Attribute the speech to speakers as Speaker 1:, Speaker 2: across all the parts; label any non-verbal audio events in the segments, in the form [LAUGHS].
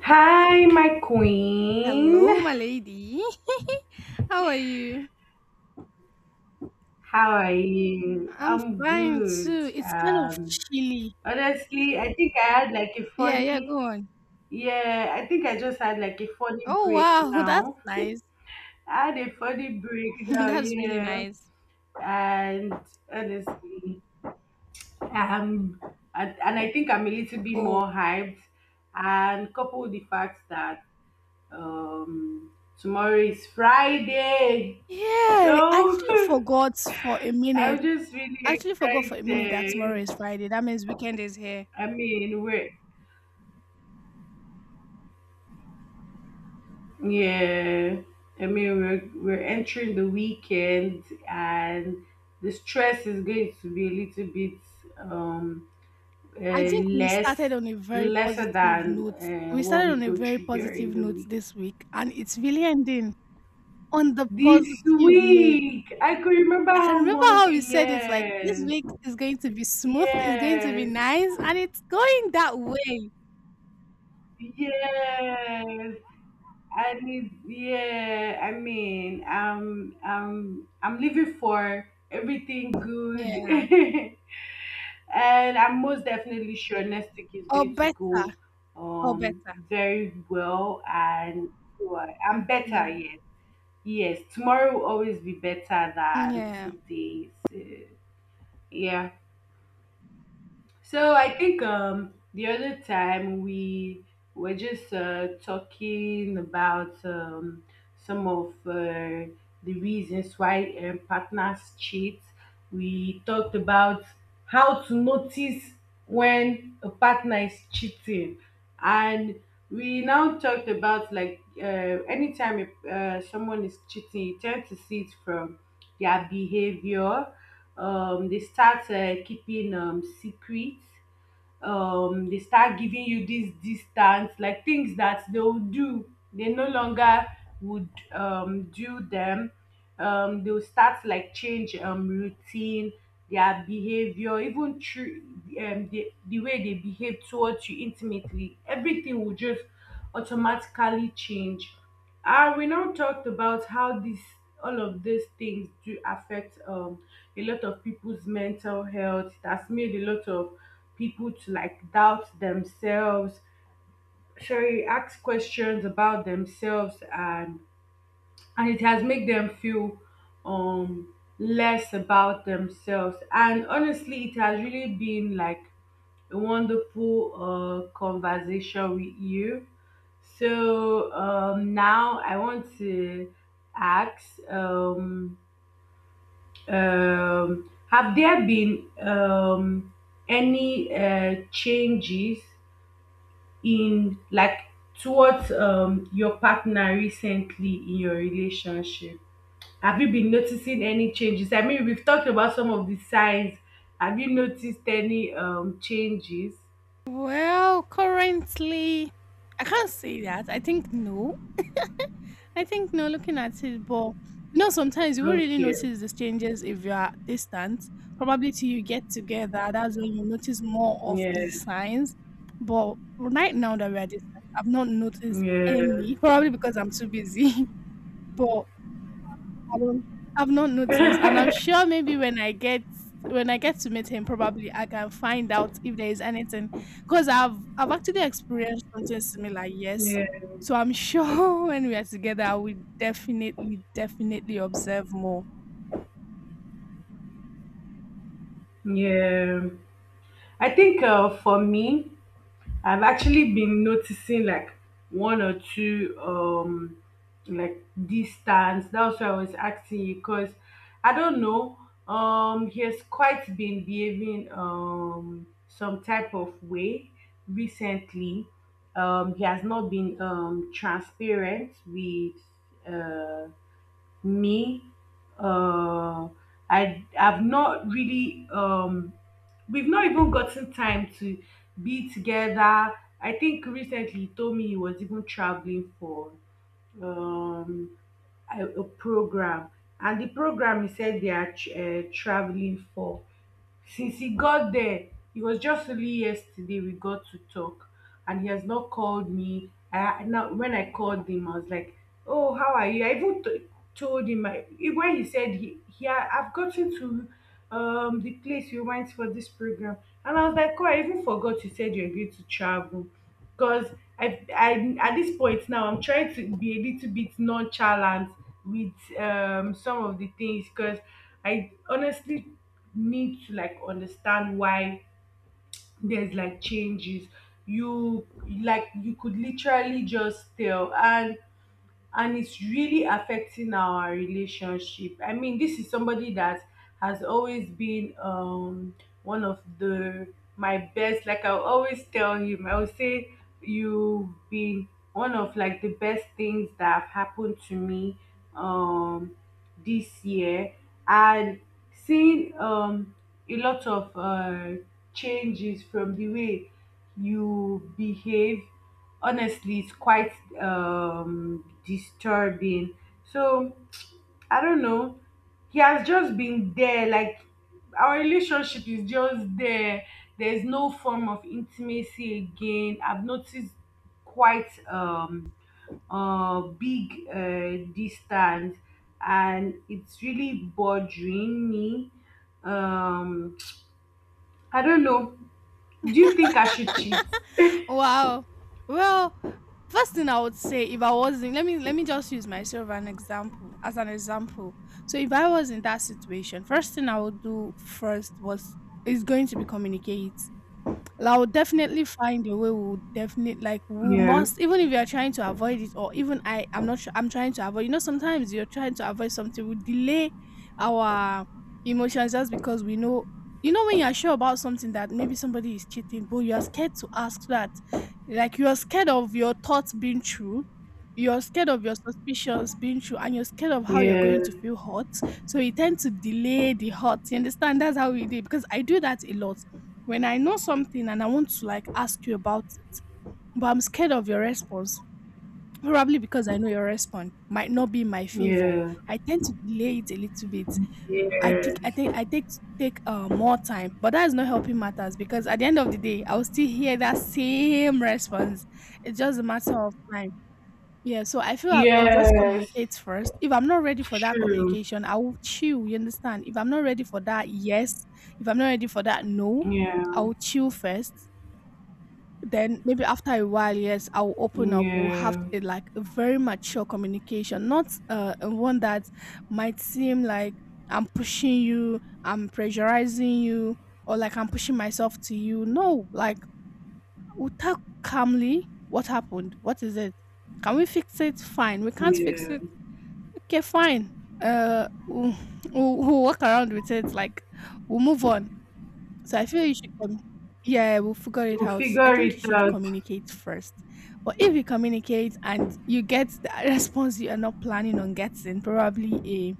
Speaker 1: Hi, my queen.
Speaker 2: Hello, my lady. [LAUGHS] How are you?
Speaker 1: How are you?
Speaker 2: I'm
Speaker 1: I'm
Speaker 2: fine
Speaker 1: good.
Speaker 2: too. It's kind of chilly.
Speaker 1: Honestly, I think I had like a
Speaker 2: Yeah, yeah, go
Speaker 1: funny,
Speaker 2: on.
Speaker 1: yeah, I think I just had like a funny
Speaker 2: Oh,
Speaker 1: break
Speaker 2: wow. [LAUGHS] That's
Speaker 1: now.
Speaker 2: nice.
Speaker 1: I had a funny break
Speaker 2: [LAUGHS]
Speaker 1: now,
Speaker 2: That's really
Speaker 1: yeah.
Speaker 2: nice.
Speaker 1: And honestly, um, and I think I'm a little bit
Speaker 2: Oh,
Speaker 1: more hyped. And couple with the fact that um, tomorrow is Friday.
Speaker 2: yeah. I
Speaker 1: So
Speaker 2: actually
Speaker 1: [LAUGHS]
Speaker 2: forgot for a minute.
Speaker 1: I'm just really
Speaker 2: I actually forgot for a minute that tomorrow
Speaker 1: excited.
Speaker 2: is Friday. That means weekend is here.
Speaker 1: I mean, we're, yeah, I mean, we're entering the weekend, and the stress is going to be a little bit um
Speaker 2: I think we
Speaker 1: less,
Speaker 2: started on a very
Speaker 1: lesser
Speaker 2: positive
Speaker 1: than
Speaker 2: note. We
Speaker 1: what
Speaker 2: started
Speaker 1: we
Speaker 2: on a
Speaker 1: go
Speaker 2: very
Speaker 1: through during
Speaker 2: positive
Speaker 1: the
Speaker 2: note
Speaker 1: week.
Speaker 2: this week, and it's really ending on the
Speaker 1: This
Speaker 2: positive note.
Speaker 1: week, I could remember
Speaker 2: I can
Speaker 1: how
Speaker 2: remember how you
Speaker 1: Monday.
Speaker 2: said it, like, this
Speaker 1: Yes,
Speaker 2: week is going to be smooth, it's going to be
Speaker 1: yes,
Speaker 2: nice, and it's going that way.
Speaker 1: yes. I need, yeah, I mean, I'm living for everything good,
Speaker 2: Yeah.
Speaker 1: [LAUGHS] and I'm most definitely sure next week is
Speaker 2: Or
Speaker 1: going to
Speaker 2: better.
Speaker 1: go,
Speaker 2: Or
Speaker 1: um,
Speaker 2: better.
Speaker 1: very well, and, well, I'm better.
Speaker 2: Mm.
Speaker 1: Yes, yes, tomorrow will always be better than
Speaker 2: Yeah.
Speaker 1: today. So, yeah. So I think the other time we were just talking about some of the reasons why partners cheat. We talked about how to notice when a partner is cheating, and we now talked about like anytime someone is cheating, you tend to see it from their behavior. They start keeping secrets. They start giving you this distance, like things that they'll do, they no longer would do them. They'll start like change routine, their behavior, even through the way they behave towards you intimately. Everything will just automatically change. We now talked about how this, all of these things do affect a lot of people's mental health. It has made a lot of people to like doubt themselves. Sure, ask questions about themselves, and it has made them feel less about themselves, and honestly it has really been like a wonderful conversation with you. So now I want to ask, have there been any changes in, like, towards your partner recently in your relationship? Have you been noticing any changes? I mean, we've talked about some of the signs. Have you noticed any changes?
Speaker 2: Well, currently I can't say that. I think no. I think no, looking at it, but sometimes you won't really
Speaker 1: Okay.
Speaker 2: notice these changes if you are distant. Probably till you get together, that's when you notice more of
Speaker 1: Yeah.
Speaker 2: the signs. But right now that we are distant, I've not noticed
Speaker 1: Yeah.
Speaker 2: any. Probably because I'm too busy. [LAUGHS] But I don't I've not noticed, and I'm
Speaker 1: [LAUGHS]
Speaker 2: sure maybe when I get to meet him, probably I can find out if there is anything, because I've actually experienced something similar. Yes,
Speaker 1: yeah.
Speaker 2: so I'm sure [LAUGHS] when we are together, I will definitely definitely observe more.
Speaker 1: Yeah. I think for me, I've actually been noticing like one or two like distance. That's why I was asking you, because I don't know. He has quite been behaving some type of way recently. He has not been transparent with uh me. Uh i i've not really, we've not even gotten time to be together. I think recently he told me he was even traveling for um a program, and the program he said they are tr traveling for. Since he got there, it was just only yesterday we got to talk, and he has not called me. I now, when I called him, I was like, "Oh, how are you?" I even told him I, when he said, he I've gotten to the place you went for this program, and I was like, "Oh, I even forgot you said you're going to travel," because I at this point now I'm trying to be a little bit nonchalant with some of the things, because I honestly need to like understand why there's like changes. You, like, you could literally just tell, and it's really affecting our relationship. I mean, this is somebody that has always been one of the my best. Like, I'll always tell him, I'll say, you've been one of like the best things that have happened to me um this year. And seeing a lot of changes from the way you behave, honestly, it's quite disturbing. So I don't know. He has just been there. Like, our relationship is just there. There's no form of intimacy again. I've noticed quite big distance, and it's really bothering me. Um I don't know. Do you think I should cheat?
Speaker 2: [LAUGHS] Wow. Well, first thing I would say, if I wasn't, let me just use myself an example as an example. So if I was in that situation, first thing I would do first was is going to be communicate. Well, I will definitely find a way. We'll definitely, like, we
Speaker 1: Yeah.
Speaker 2: must, even if you are trying to avoid it, or even I'm not sure. I'm trying to avoid. You know, sometimes you're trying to avoid something. We delay our emotions just because we know. You know, when you are sure about something that maybe somebody is cheating, but you are scared to ask that, like you are scared of your thoughts being true, you're scared of your suspicions being true, and you're scared of how you're
Speaker 1: Yeah.
Speaker 2: going to feel hurt. So you tend to delay the hurt. You understand? That's how we do it, because I do that a lot when I know something and I want to, like, ask you about it, but I'm scared of your response, probably because I know your response might not be in my favor.
Speaker 1: Yeah.
Speaker 2: I tend to delay it a little bit. I think I
Speaker 1: Yes.
Speaker 2: think I take to take more time, but that is not helping matters because at the end of the day, I will still hear that same response. It's just a matter of time. Yeah, so I feel I'll just
Speaker 1: Yes.
Speaker 2: communicate first. If I'm not ready for that
Speaker 1: True.
Speaker 2: communication, I will chill. You understand? If I'm not ready for that, yes. If I'm not ready for that, no.
Speaker 1: Yeah.
Speaker 2: I will chill first, then maybe after a while, yes, I will open up. We'll have
Speaker 1: Yeah,
Speaker 2: a, like a very mature communication, not a one that might seem like I'm pushing you, I'm pressurizing you, or like I'm pushing myself to you. No, like, we'll talk calmly. What happened? What is it? Can we fix it? Fine. We can't fix
Speaker 1: yeah.
Speaker 2: it. Okay, fine. We'll, we'll work around with it. Like, we'll move on. So I feel you should come. Yeah, we'll figure it
Speaker 1: We'll
Speaker 2: out. I
Speaker 1: figure
Speaker 2: think
Speaker 1: it
Speaker 2: you should
Speaker 1: out.
Speaker 2: communicate first. But if you communicate and you get the [LAUGHS] response you are not planning on getting, probably a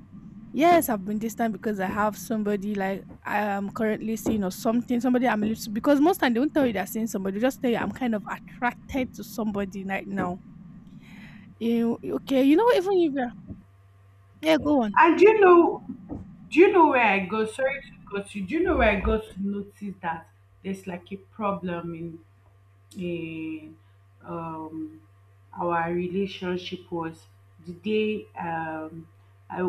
Speaker 2: yes, I've been distant because I have somebody, like, I am currently seeing or something, somebody I'm a little, because most time they won't tell you they're seeing somebody, they just tell you I'm kind of attracted to somebody right now. You okay, you know, even if you're yeah, go on.
Speaker 1: And do you know where I got? Sorry to cut you. Do you know where I got to notice that there's like a problem in um, um, our relationship? Was the day I,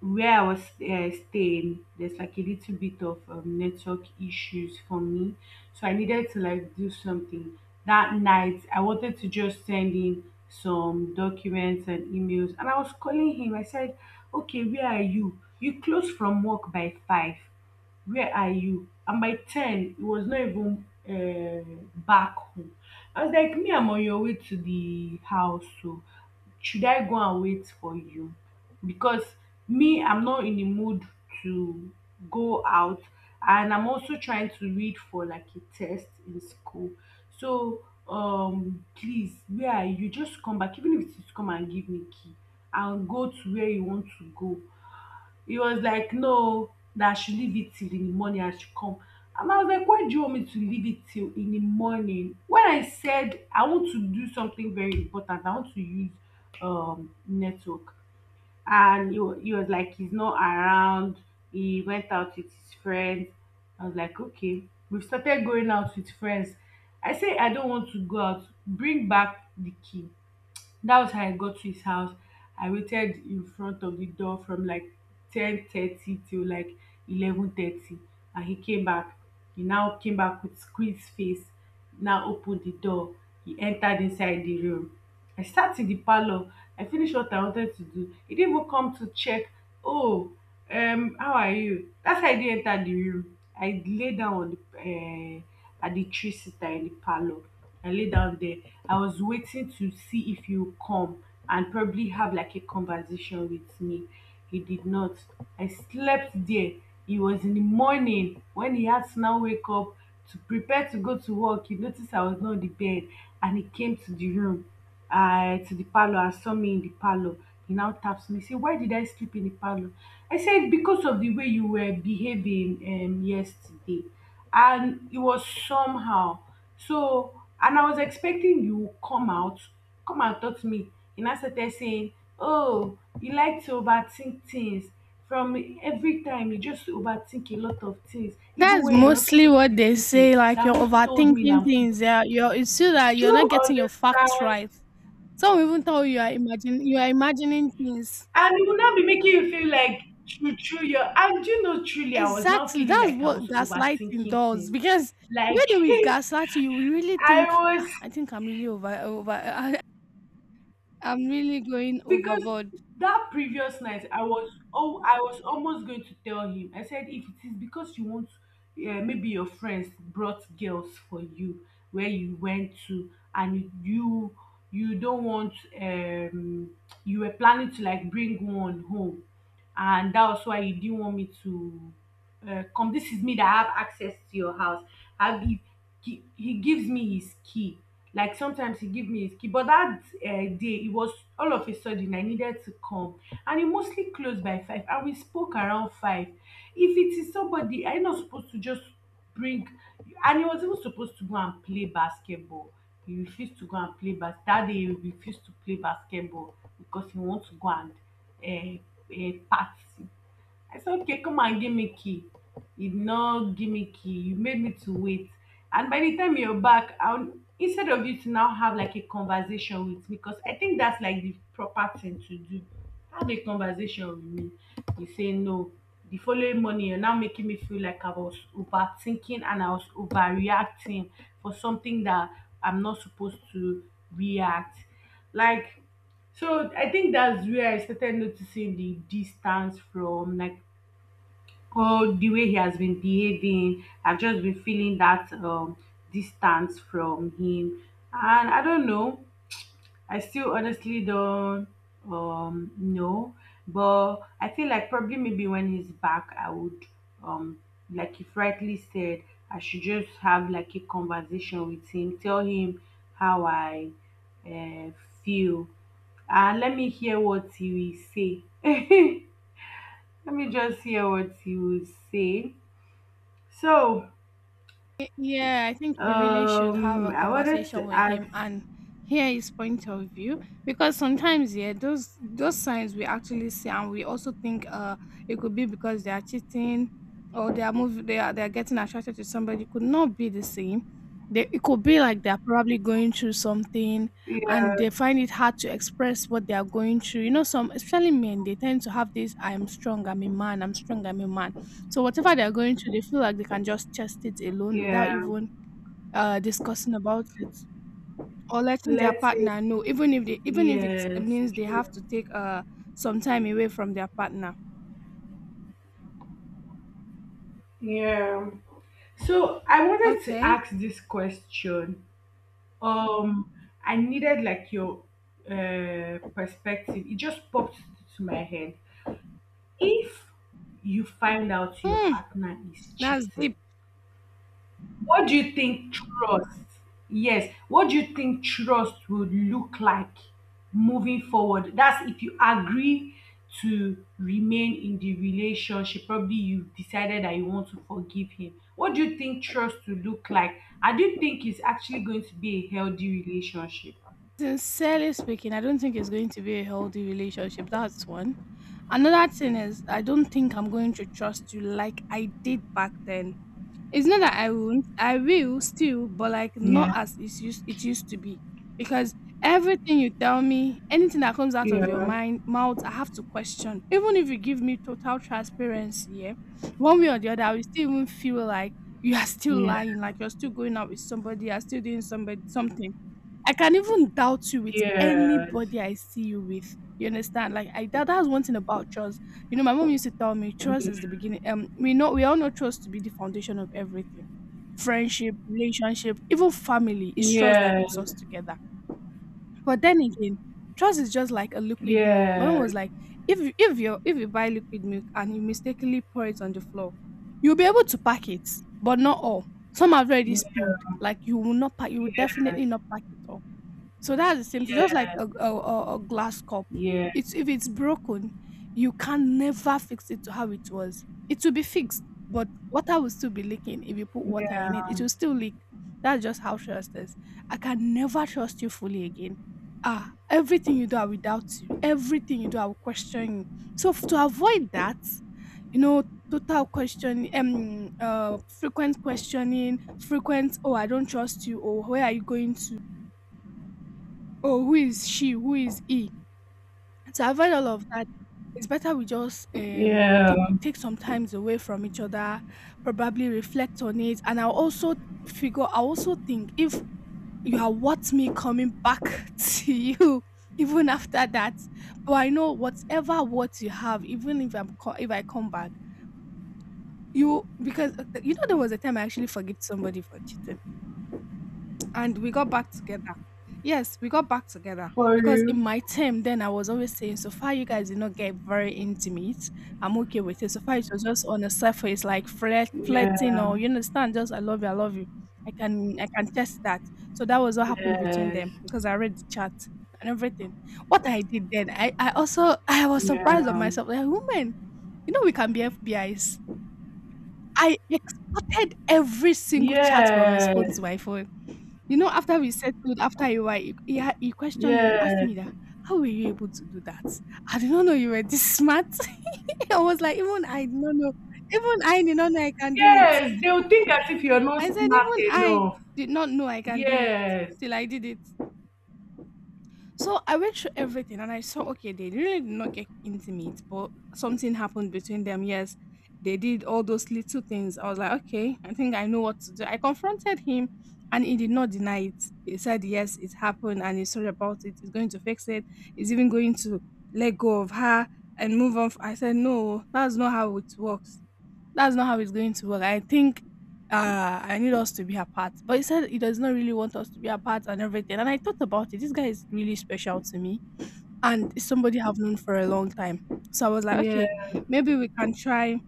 Speaker 1: where I was staying. There's like a little bit of network issues for me, so I needed to like do something that night. I wanted to just send in some documents and emails, and I was calling him. I said, "Okay, where are you? You close from work by five." Where are you? And by ten, he was not even back home. I was like, me, I'm on your way to the house, so should I go and wait for you? Because me, I'm not in the mood to go out, and I'm also trying to read for like a test in school. So, please, where are you? Just come back, even if it's come and give me key. I'll go to where you want to go. He was like, no, that I should leave it till in the morning, I should come. And I was like, why do you want me to leave it till in the morning, when I said I want to do something very important? I want to use network. And he, he was like, he's not around. He went out with his friends. I was like, okay. We started going out with friends. I said, I don't want to go out. Bring back the key. That was how I got to his house. I waited in front of the door from like 10:30 till like 11:30, and he came back. He now came back with squeezed face, now opened the door. He entered inside the room. I sat in the parlor. I finished what I wanted to do. He didn't even come to check. Oh, how are you? That's how I did enter the room. I lay down on the at the tree sitter in the parlor. I lay down there. I was waiting to see if you come and probably have like a conversation with me. He did not. I slept there. It was in the morning when he had to now wake up to prepare to go to work. He noticed I was not on the bed, and he came to the room, to the parlor, and saw me in the parlor. He now taps me, say, why did I sleep in the parlor? I said, because of the way you were behaving yesterday, and it was somehow. So, and I was expecting you would come out, come and talk to me. And I started saying, oh, you like to overthink things. From every time, you just overthink a lot of things, even
Speaker 2: That's
Speaker 1: when you're not
Speaker 2: mostly
Speaker 1: supposed to
Speaker 2: what
Speaker 1: be
Speaker 2: they
Speaker 1: thinking.
Speaker 2: say. Like,
Speaker 1: That
Speaker 2: you're
Speaker 1: who told me that
Speaker 2: overthinking
Speaker 1: I'm supposed
Speaker 2: things. Yeah,
Speaker 1: to
Speaker 2: you're. It's still that
Speaker 1: Do
Speaker 2: you're not
Speaker 1: you
Speaker 2: getting your facts
Speaker 1: understand?
Speaker 2: right. Some will even tell you you are imagine you are imagining things.
Speaker 1: And it will not be making you feel like, true, true. Your, and do you know, truly, I was not
Speaker 2: Exactly.
Speaker 1: feeling
Speaker 2: That's
Speaker 1: like I
Speaker 2: what
Speaker 1: was
Speaker 2: gaslighting
Speaker 1: overthinking
Speaker 2: does,
Speaker 1: things.
Speaker 2: because the
Speaker 1: Like,
Speaker 2: way they will gaslight you, you will really
Speaker 1: [LAUGHS] I
Speaker 2: think,
Speaker 1: was,
Speaker 2: ah, I think I'm really over over [LAUGHS] I'm really going
Speaker 1: because
Speaker 2: overboard.
Speaker 1: that previous night I was, oh, I was almost going to tell him, I said, if it is because you want maybe your friends brought girls for you where you went to, and you don't want, um you were planning to like bring one home, and that was why you didn't want me to come. This is me that have access to your house. I give, he gives me his key, like sometimes he give me his key, but that day it was all of a sudden I needed to come. And he mostly closed by five, and we spoke around five. If it is somebody, I not supposed to just bring. And he was even supposed to go and play basketball. He refused to go and play bas that day, he refused to play basketball because he wants to go and uh, party. I said, okay, come and give me key. He did not give me key. You made me to wait. And by the time you're back, I, instead of you to now have like a conversation with me, because I think that's like the proper thing to do. Have a conversation with me. You say no. The following morning, you're now making me feel like I was overthinking and I was overreacting for something that I'm not supposed to react. Like, so I think that's where I started noticing the distance, from like, or the way he has been behaving. I've just been feeling that distance from him, and I don't know. I still honestly don't know, but I feel like probably maybe when he's back, I would um, like you've rightly said, I should just have like a conversation with him, tell him how I uh, feel, and let me hear what he will say. [LAUGHS] Let me just hear what he will say so,
Speaker 2: Yeah, I think you really should have a
Speaker 1: I wanted
Speaker 2: conversation
Speaker 1: to
Speaker 2: with him
Speaker 1: ask,
Speaker 2: and hear his point of view, because sometimes, yeah, those signs we actually see, and we also think it could be because they are cheating, or they are moving, they are getting attracted to somebody, could not be the same. They It could be like they're probably going through something, and
Speaker 1: yeah,
Speaker 2: they find it hard to express what they are going through. You know, some especially men, they tend to have this, I'm strong, I'm a man, I'm strong, I'm a man. So whatever they're going through, they feel like they can just chest it alone without
Speaker 1: yeah,
Speaker 2: even discussing about it or letting their
Speaker 1: let's say,
Speaker 2: partner know, even if they, even if it
Speaker 1: yes,
Speaker 2: means they
Speaker 1: true,
Speaker 2: have to take some time away from their partner.
Speaker 1: yeah. So, I wanted to
Speaker 2: Okay.
Speaker 1: ask this question. Um, I needed like your perspective. It just popped to my head. If you find out your
Speaker 2: Hmm.
Speaker 1: partner is
Speaker 2: That's deep.
Speaker 1: cheating, what do you think trust? Yes. What do you think trust would look like moving forward? That's if you agree to remain in the relationship. Probably you've decided that you want to forgive him. What do you think trust will look like? I do think it's actually going to be a healthy relationship.
Speaker 2: Sincerely speaking, I don't think it's going to be a healthy relationship. That's one. Another thing is, I don't think I'm going to trust you like I did back then. It's not that I won't. I will still, but like, not
Speaker 1: Yeah.
Speaker 2: as it's used it used to be. Because everything you tell me, anything that comes out of your
Speaker 1: Yeah.
Speaker 2: mind mouth, I have to question. Even if you give me total transparency, yeah, one way or the other, I will still even feel like you are still
Speaker 1: Yeah.
Speaker 2: lying, like you're still going out with somebody, you're still doing somebody something. I can even doubt you with
Speaker 1: Yes.
Speaker 2: anybody I see you with. You understand? Like I that, that's one thing about trust. You know, my mom used to tell me trust is the beginning. We know, we all know trust to be the foundation of everything. Friendship, relationship, even family. It's trust that
Speaker 1: Yes.
Speaker 2: keeps
Speaker 1: Yes.
Speaker 2: us together. But then again, trust is just like a liquid milk. My mom
Speaker 1: Yes.
Speaker 2: was
Speaker 1: Yes.
Speaker 2: like, if you buy liquid milk and you mistakenly pour it on the floor, you'll be able to pack it, but not all. Some have already spilled. Like, you will not pack. You will definitely not pack it all. So that's the same thing, just like
Speaker 1: Yes.
Speaker 2: a glass cup.
Speaker 1: Yes.
Speaker 2: It's if it's broken, you can never fix it to how it was. It will be fixed, but water will still be leaking. If you put water in it,
Speaker 1: Yeah.
Speaker 2: it will still leak. That's just how trust is. I can never trust you fully again. Ah, everything you do, I will doubt you. Everything you do, I will question you. So to avoid that, you know, total question, frequent questioning, frequent, oh, I don't trust you, or where are you going to? "Oh, who is she? Who is he?" And to avoid all of that, it's better we just
Speaker 1: Yeah.
Speaker 2: take some times away from each other, probably reflect on it, and I'll also figure. I also think if you are worth me coming back [LAUGHS] to you. Even after that, but I know whatever what you have, even if if I come back, you because you know, there was a time I actually forgive somebody for cheating, and we got back together. Yes, we got back together,
Speaker 1: For
Speaker 2: because
Speaker 1: you.
Speaker 2: in my term, then I was always saying, so far you guys did not get very intimate, I'm okay with it. So far it was just on the surface, like flirt, flirting,
Speaker 1: Yeah.
Speaker 2: or you understand, just I love you, I love you. I can test that. So that was what happened between
Speaker 1: Yes.
Speaker 2: them, because I read the chat and everything. What I did then, I also [LAUGHS] I was surprised of
Speaker 1: Yeah.
Speaker 2: myself. Like, woman, you know we can be FBIs. I exported every single chat from his
Speaker 1: Yes.
Speaker 2: phone to my phone. You know, after we settled, after a while, he questioned me, asked
Speaker 1: Yes.
Speaker 2: me that, how were you able to do that? I did not know you were this smart. [LAUGHS] I was like, even I did not know. Even I did not know I can do it.
Speaker 1: Yes. They'll think as if you're not
Speaker 2: I said,
Speaker 1: smart
Speaker 2: even I
Speaker 1: enough.
Speaker 2: did not know I can do it
Speaker 1: Yes.
Speaker 2: till I did it. So I went through everything and I saw, okay, they really did not get intimate, but something happened between them. Yes, they did all those little things. I was like, okay, I think I know what to do. I confronted him, and he did not deny it. He said, yes, it happened, and he's sorry about it. He's going to fix it. He's even going to let go of her and move on. I said, no, that's not how it works, that's not how it's going to work. I think I need us to be apart. But he said he does not really want us to be apart and everything. And I thought about it. This guy is really special to me, and it's somebody I've known for a long time. So I was like, okay,
Speaker 1: Yes.
Speaker 2: maybe we can try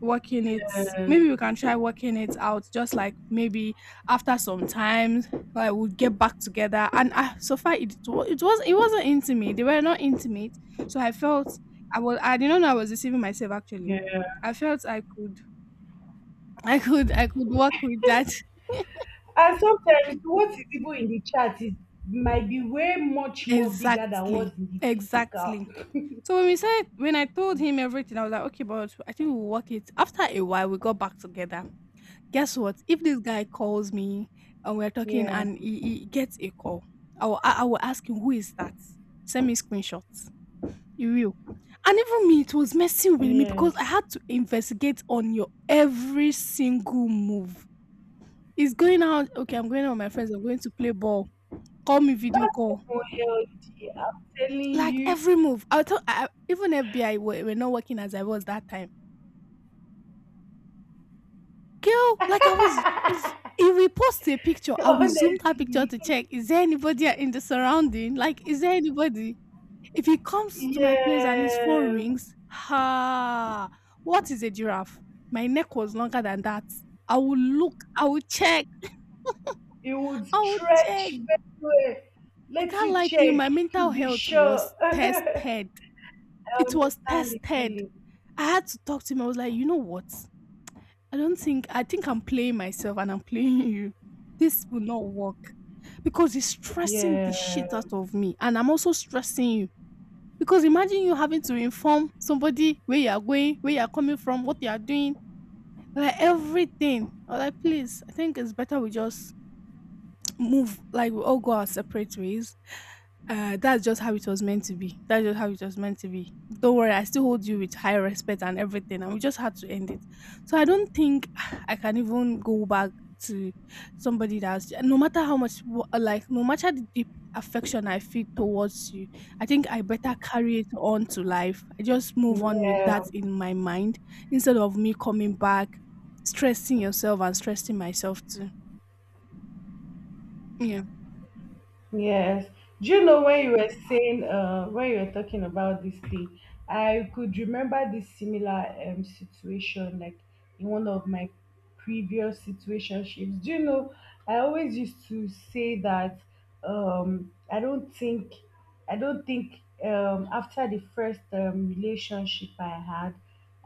Speaker 2: working it maybe we can try working it out, just like maybe after some time like we'll get back together. And I, so far it, wa- it was it wasn't intimate they were not intimate, so I felt I was I did not know I was deceiving myself actually.
Speaker 1: Yeah.
Speaker 2: I felt I could I could work with that. [LAUGHS]
Speaker 1: And sometimes what is even in the chat is might be way much more bigger than
Speaker 2: Exactly.
Speaker 1: what's in the physical.
Speaker 2: Exactly. So when we said when I told him everything, I was like, okay, but I think we'll work it. After a while we got back together. Guess what? If this guy calls me and we're talking
Speaker 1: Yeah.
Speaker 2: and he gets a call, I will ask him, who is that? Send me screenshots. He will. And even me, it was messing with me because I
Speaker 1: Yes.
Speaker 2: had to investigate on your every single move. He's going out. Okay, I'm going out with my friends. I'm going to play ball. Call me, video
Speaker 1: That's
Speaker 2: call.
Speaker 1: more healthy. I'm telling
Speaker 2: Like
Speaker 1: you.
Speaker 2: every move. I thought I, even FBI were not working as I was that time. Girl, like I was. If,
Speaker 1: [LAUGHS]
Speaker 2: if we post a picture, I will zoom that picture
Speaker 1: Honestly.
Speaker 2: to check, is there anybody in the surrounding? Like, is there anybody? If he comes to my place and his phone
Speaker 1: Yeah.
Speaker 2: rings, ha! What is a giraffe? My neck was longer than that. I will look. I will check.
Speaker 1: It would
Speaker 2: I will
Speaker 1: stretch
Speaker 2: check.
Speaker 1: very well,
Speaker 2: I
Speaker 1: let
Speaker 2: can't
Speaker 1: you
Speaker 2: lie to you.
Speaker 1: check
Speaker 2: My mental
Speaker 1: to be
Speaker 2: health
Speaker 1: sure.
Speaker 2: was
Speaker 1: [LAUGHS] I
Speaker 2: tested. It was
Speaker 1: understand the
Speaker 2: tested.
Speaker 1: feeling.
Speaker 2: I had to talk to him. I was like, you know what? I don't think I think I'm playing myself and I'm playing you. This will not work because it's stressing the shit
Speaker 1: Yeah,
Speaker 2: out of me, and I'm also stressing you. Because imagine you having to inform somebody where you are going, where you are coming from, what you are doing, like everything. I'm like, please, I think it's better we just move, like we all go our separate ways. That's just how it was meant to be. That's just how it was meant to be. Don't worry, I still hold you with high respect and everything, and we just had to end it. So I don't think [SIGHS] I can even go back to somebody that's, no matter how much like no matter the deep affection I feel towards you, I think I better carry it on to life. I just move on with
Speaker 1: yeah.
Speaker 2: that in my mind instead of me coming back, stressing yourself and stressing myself too. Yeah.
Speaker 1: Yes. Do you know when you were saying, when you were talking about this thing, I could remember this similar situation, like in one of my previous situationships. Do you know, I always used to say that um, I don't think, I don't think after the first relationship I had.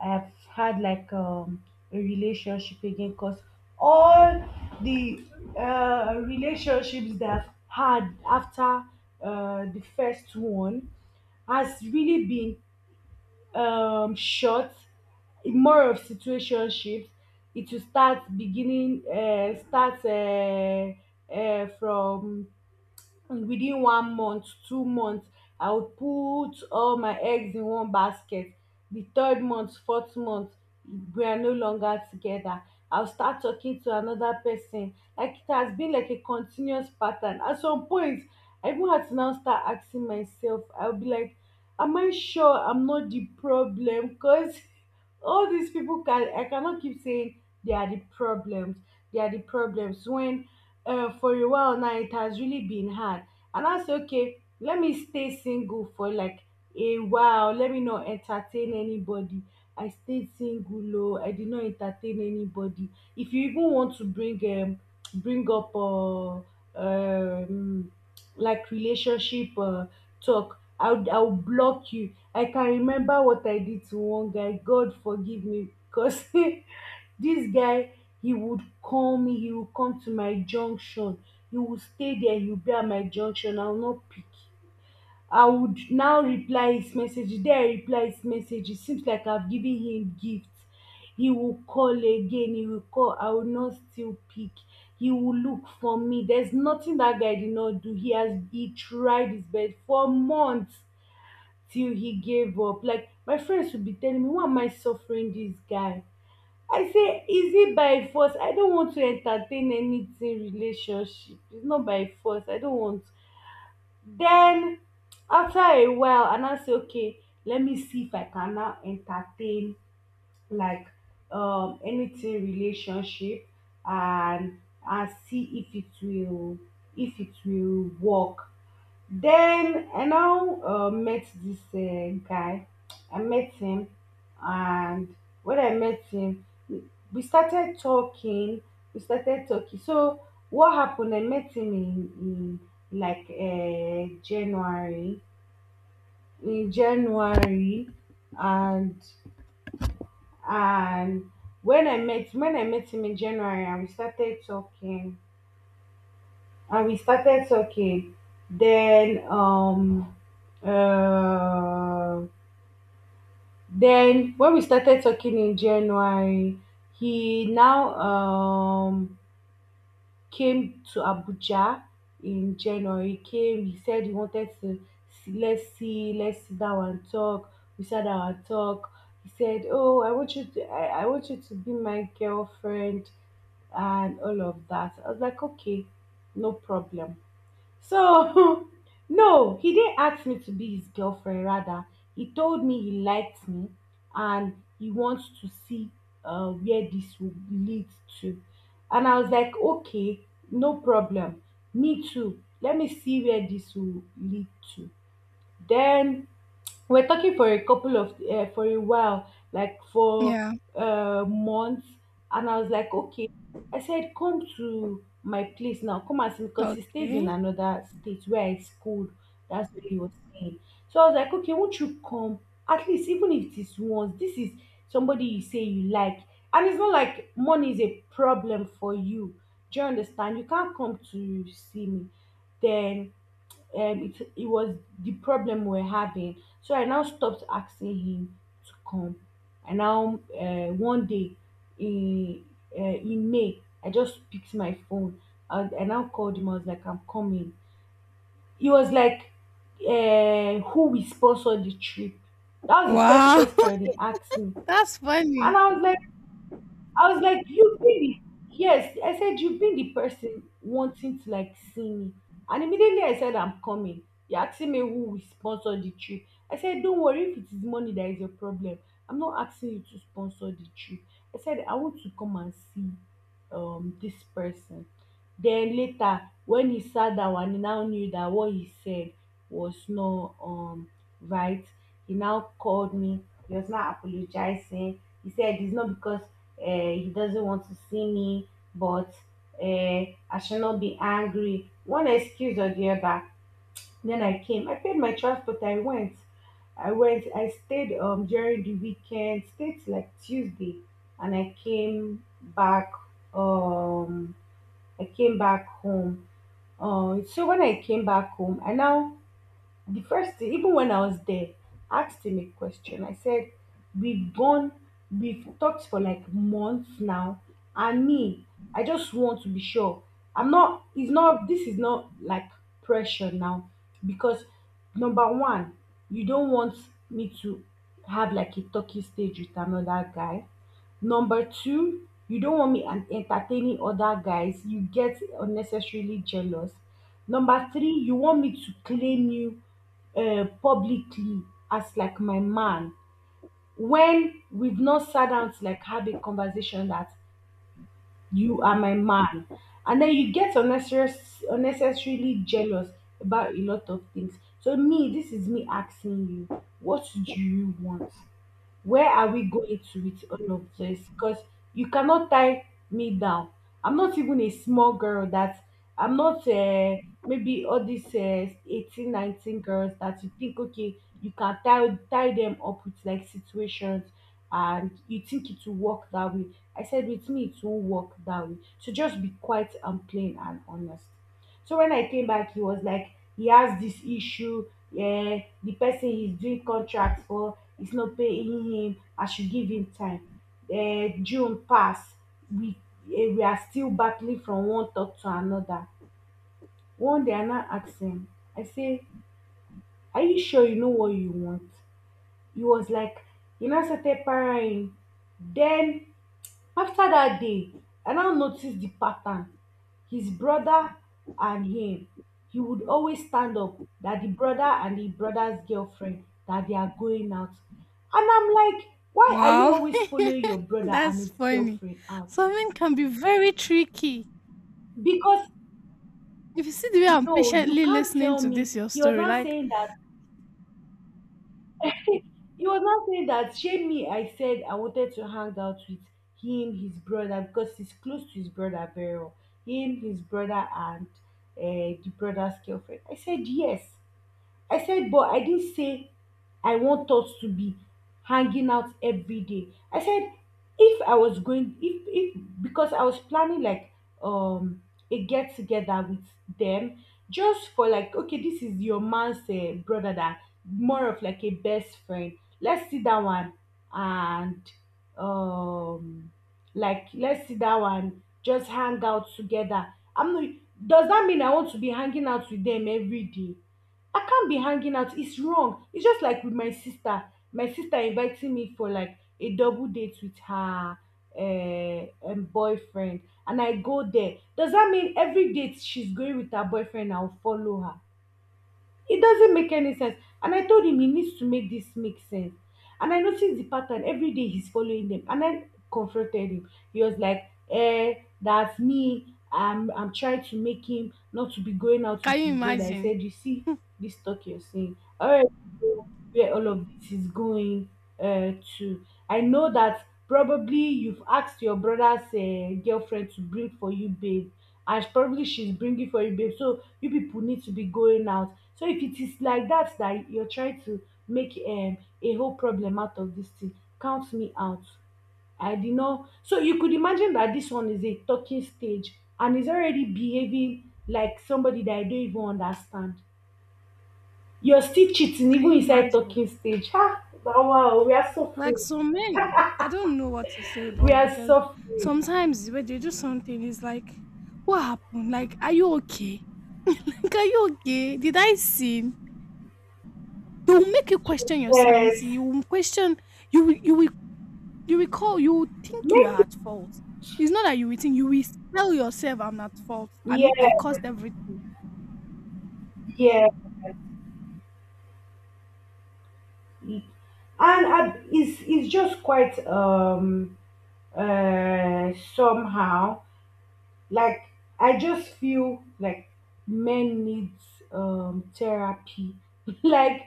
Speaker 1: I've had like a relationship again because all the relationships that I've had after the first one has really been short, more of situationships. It will start beginning, start from within one month 2 month. I would put all my eggs in one basket. The third month, fourth month, we are no longer together. I'll start talking to another person. Like it has been like a continuous pattern at some point. I even had to now start asking myself, I'll be like, am I sure I'm not the problem? Because [LAUGHS] all these people, can I cannot keep saying they are the problems. They are the problems. When For a while now it has really been hard. And I say, okay, let me stay single for like a while. Let me not entertain anybody. I stayed single, oh, I did not entertain anybody. If you even want to bring up um like relationship talk, I'll block you. I can remember what I did to one guy. God forgive me because [LAUGHS] this guy, he would call me, he would come to my junction. He would stay there, he would be at my junction. I will not pick. I would now reply his message. There I reply his message. It seems like I've given him gift. He will call again. He will call. I will not still pick. He will look for me. There's nothing that guy did not do. He tried his best for months till he gave up. Like, my friends would be telling me, why am I suffering this guy? I say, is it by force? I don't want to entertain anything relationship. It's not by force. I don't want. Then after a while, and I now say, okay, let me see if I can now entertain like anything relationship, and and see if it will, if it will work. Then I now met this guy. I met him, and when I met him, we started talking. We started talking. So what happened, I met him in like January. In January, and and when I met, when I met him in January, and we started talking, and we started talking, then um uh, then when we started talking in January, he now came to Abuja. In January he came. He said he wanted to see, let's see, let's sit down and talk. We sat down and talk. He said, oh, I want you to, I want you to be my girlfriend, and all of that. I was like, okay, no problem. So, [LAUGHS] no, he didn't ask me to be his girlfriend. Rather, he told me he liked me and he wants to see where this will lead to. And I was like, okay, no problem. Me too. Let me see where this will lead to. Then we're talking for a couple of for a while, like for
Speaker 2: Yeah.
Speaker 1: months. And I was like, okay, I said, come to my place now, come and see, because he stays in
Speaker 2: Okay.
Speaker 1: another state where I schooled. That's where he was staying. So I was like, okay, won't you come, at least even if it is once. This is somebody you say you like, and it's not like money is a problem for you. Do you understand you can't come to see me? Then it was the problem we're having. So I now stopped asking him to come. And now one day in in May, I just picked my phone. I now called him. I was like, I'm coming. He was like, who will sponsor the trip? That was the first
Speaker 2: Wow.
Speaker 1: question he asked me.
Speaker 2: [LAUGHS] That's
Speaker 1: And
Speaker 2: funny.
Speaker 1: I was like, you've been the yes, I said, you've been the person wanting to like see me. And immediately I said I'm coming, you're asking me who will sponsor the trip. I said, don't worry, if it is money that is your problem, I'm not asking you to sponsor the trip. I said I want to come and see this person. Then later when he sat down and he now knew that what he said was not right, he now called me. He was not apologizing. He said it's not because he doesn't want to see me, but uh, I shall not be angry. One excuse or the other. Then I came. I paid my transport. I went. I went. I stayed during the weekend. Stayed till like Tuesday, and I came back. Um, I came back home. So when I came back home, I now, the first thing, even when I was there, I asked him a question. I said, we've gone, we've talked for like months now. And me, I just want to be sure. I'm not, it's not, this is not like pressure now. Because number one, you don't want me to have like a talking stage with another guy. Number two, you don't want me an entertaining other guys. You get unnecessarily jealous. Number three, you want me to claim you publicly as like my man when we've not sat down to like have a conversation that you are my man. And then you get unnecessary, unnecessarily jealous about a lot of things. So me, this is me asking you, what do you want? Where are we going to with all of this? Because you cannot tie me down. I'm not even a small girl that I'm not maybe all these 18, 19 girls that you think, okay, you can tie, tie them up with like situations and you think it will work that way. I said, with me, it won't work that way. So just be quiet and plain and honest. So when I came back, he was like, he has this issue. Yeah, the person he's doing contracts for is not paying him. I should give him time. June passed. We, eh, we are still battling from one talk to another. One day I now asked him, I say, are you sure you know what you want? He was like, he now started parrying. Then after that day I now noticed the pattern. His brother and him, he would always stand up that the brother and the brothers girlfriend that they are going out. And I'm like, why are you
Speaker 2: Wow,
Speaker 1: always following
Speaker 2: [LAUGHS]
Speaker 1: your brother and
Speaker 2: that's
Speaker 1: his
Speaker 2: funny.
Speaker 1: girlfriend out?
Speaker 2: Something can be very tricky.
Speaker 1: Because
Speaker 2: If you see the way I'm
Speaker 1: no, you
Speaker 2: patiently
Speaker 1: can't
Speaker 2: listening
Speaker 1: tell
Speaker 2: to this,
Speaker 1: me
Speaker 2: your
Speaker 1: he was
Speaker 2: story,
Speaker 1: not
Speaker 2: like,
Speaker 1: saying that. He was now saying that shame me, I said I wanted to hang out with him, his brother, because he's close to his brother very well. Him, his brother, and uh, the brother's girlfriend. I said yes. I said, but I didn't say I want us to be hanging out every day. I said, if I was going, if, because I was planning like um a get together with them, just for like, okay, this is your man's brother that more of like a best friend. Let's see that one and um like let's see that one, just hang out together. I'm not, does that mean I want to be hanging out with them every day? I can't be hanging out. It's wrong. It's just like with my sister. My sister inviting me for like a double date with her boyfriend, and I go there. Does that mean every date she's going with her boyfriend, I'll follow her? It doesn't make any sense. And I told him he needs to make this make sense. And I noticed the pattern every day he's following them. And I confronted him. He was like, eh, that's me. I'm trying to make him not to be going out with
Speaker 2: can
Speaker 1: his
Speaker 2: you
Speaker 1: brother. I
Speaker 2: imagine?
Speaker 1: said, you see this talk you're saying. All right, where all of this is going uh, to. I know that probably you've asked your brother's girlfriend to bring for you, babe, and probably she's bringing for you, babe. So you people need to be going out. So if it is like that that you're trying to make a whole problem out of this thing, count me out. I did not. So you could imagine that this one is a talking stage and is already behaving like somebody that I don't even understand. You're still cheating
Speaker 2: Can
Speaker 1: even
Speaker 2: you
Speaker 1: inside
Speaker 2: imagine?
Speaker 1: talking stage. Ha! Oh, wow, we are so
Speaker 2: Like
Speaker 1: free.
Speaker 2: some men, I don't know what to say,
Speaker 1: We
Speaker 2: but
Speaker 1: are
Speaker 2: because
Speaker 1: so free.
Speaker 2: sometimes when they do something, it's like, what happened? Like, are you okay? [LAUGHS] Like, are you okay? Did I sin? They will make you question your
Speaker 1: Yes.
Speaker 2: sanity. You will question. You will. You will. You will call. You will think you
Speaker 1: Make
Speaker 2: are
Speaker 1: it.
Speaker 2: at fault. It's not that you will think. You will tell yourself, "I'm not at fault. I
Speaker 1: Yeah,
Speaker 2: mean, I caused everything."
Speaker 1: yeah. And I, it's just quite somehow, like, I just feel like men needs therapy. [LAUGHS] Like,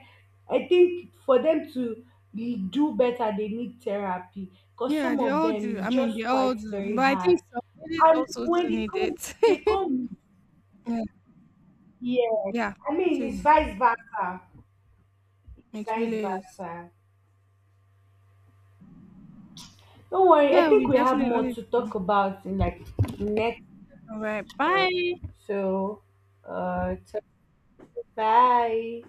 Speaker 1: I think for them to be- do better, they need therapy because
Speaker 2: Yeah,
Speaker 1: some
Speaker 2: they
Speaker 1: of
Speaker 2: all
Speaker 1: them
Speaker 2: do.
Speaker 1: is
Speaker 2: I mean, they
Speaker 1: just
Speaker 2: all
Speaker 1: quite
Speaker 2: do.
Speaker 1: very
Speaker 2: But I
Speaker 1: hard.
Speaker 2: think some ladies
Speaker 1: And
Speaker 2: also
Speaker 1: when
Speaker 2: do need it.
Speaker 1: they
Speaker 2: [LAUGHS]
Speaker 1: come,
Speaker 2: Yeah,
Speaker 1: yeah.
Speaker 2: yeah,
Speaker 1: I
Speaker 2: it
Speaker 1: mean, it's
Speaker 2: is.
Speaker 1: vice versa,
Speaker 2: It really
Speaker 1: vice
Speaker 2: is.
Speaker 1: versa. Don't worry, I
Speaker 2: Yeah,
Speaker 1: think
Speaker 2: we
Speaker 1: we have more
Speaker 2: definitely
Speaker 1: to talk
Speaker 2: do.
Speaker 1: about in like next.
Speaker 2: All right.
Speaker 1: uh,
Speaker 2: Bye.
Speaker 1: So, uh, so bye.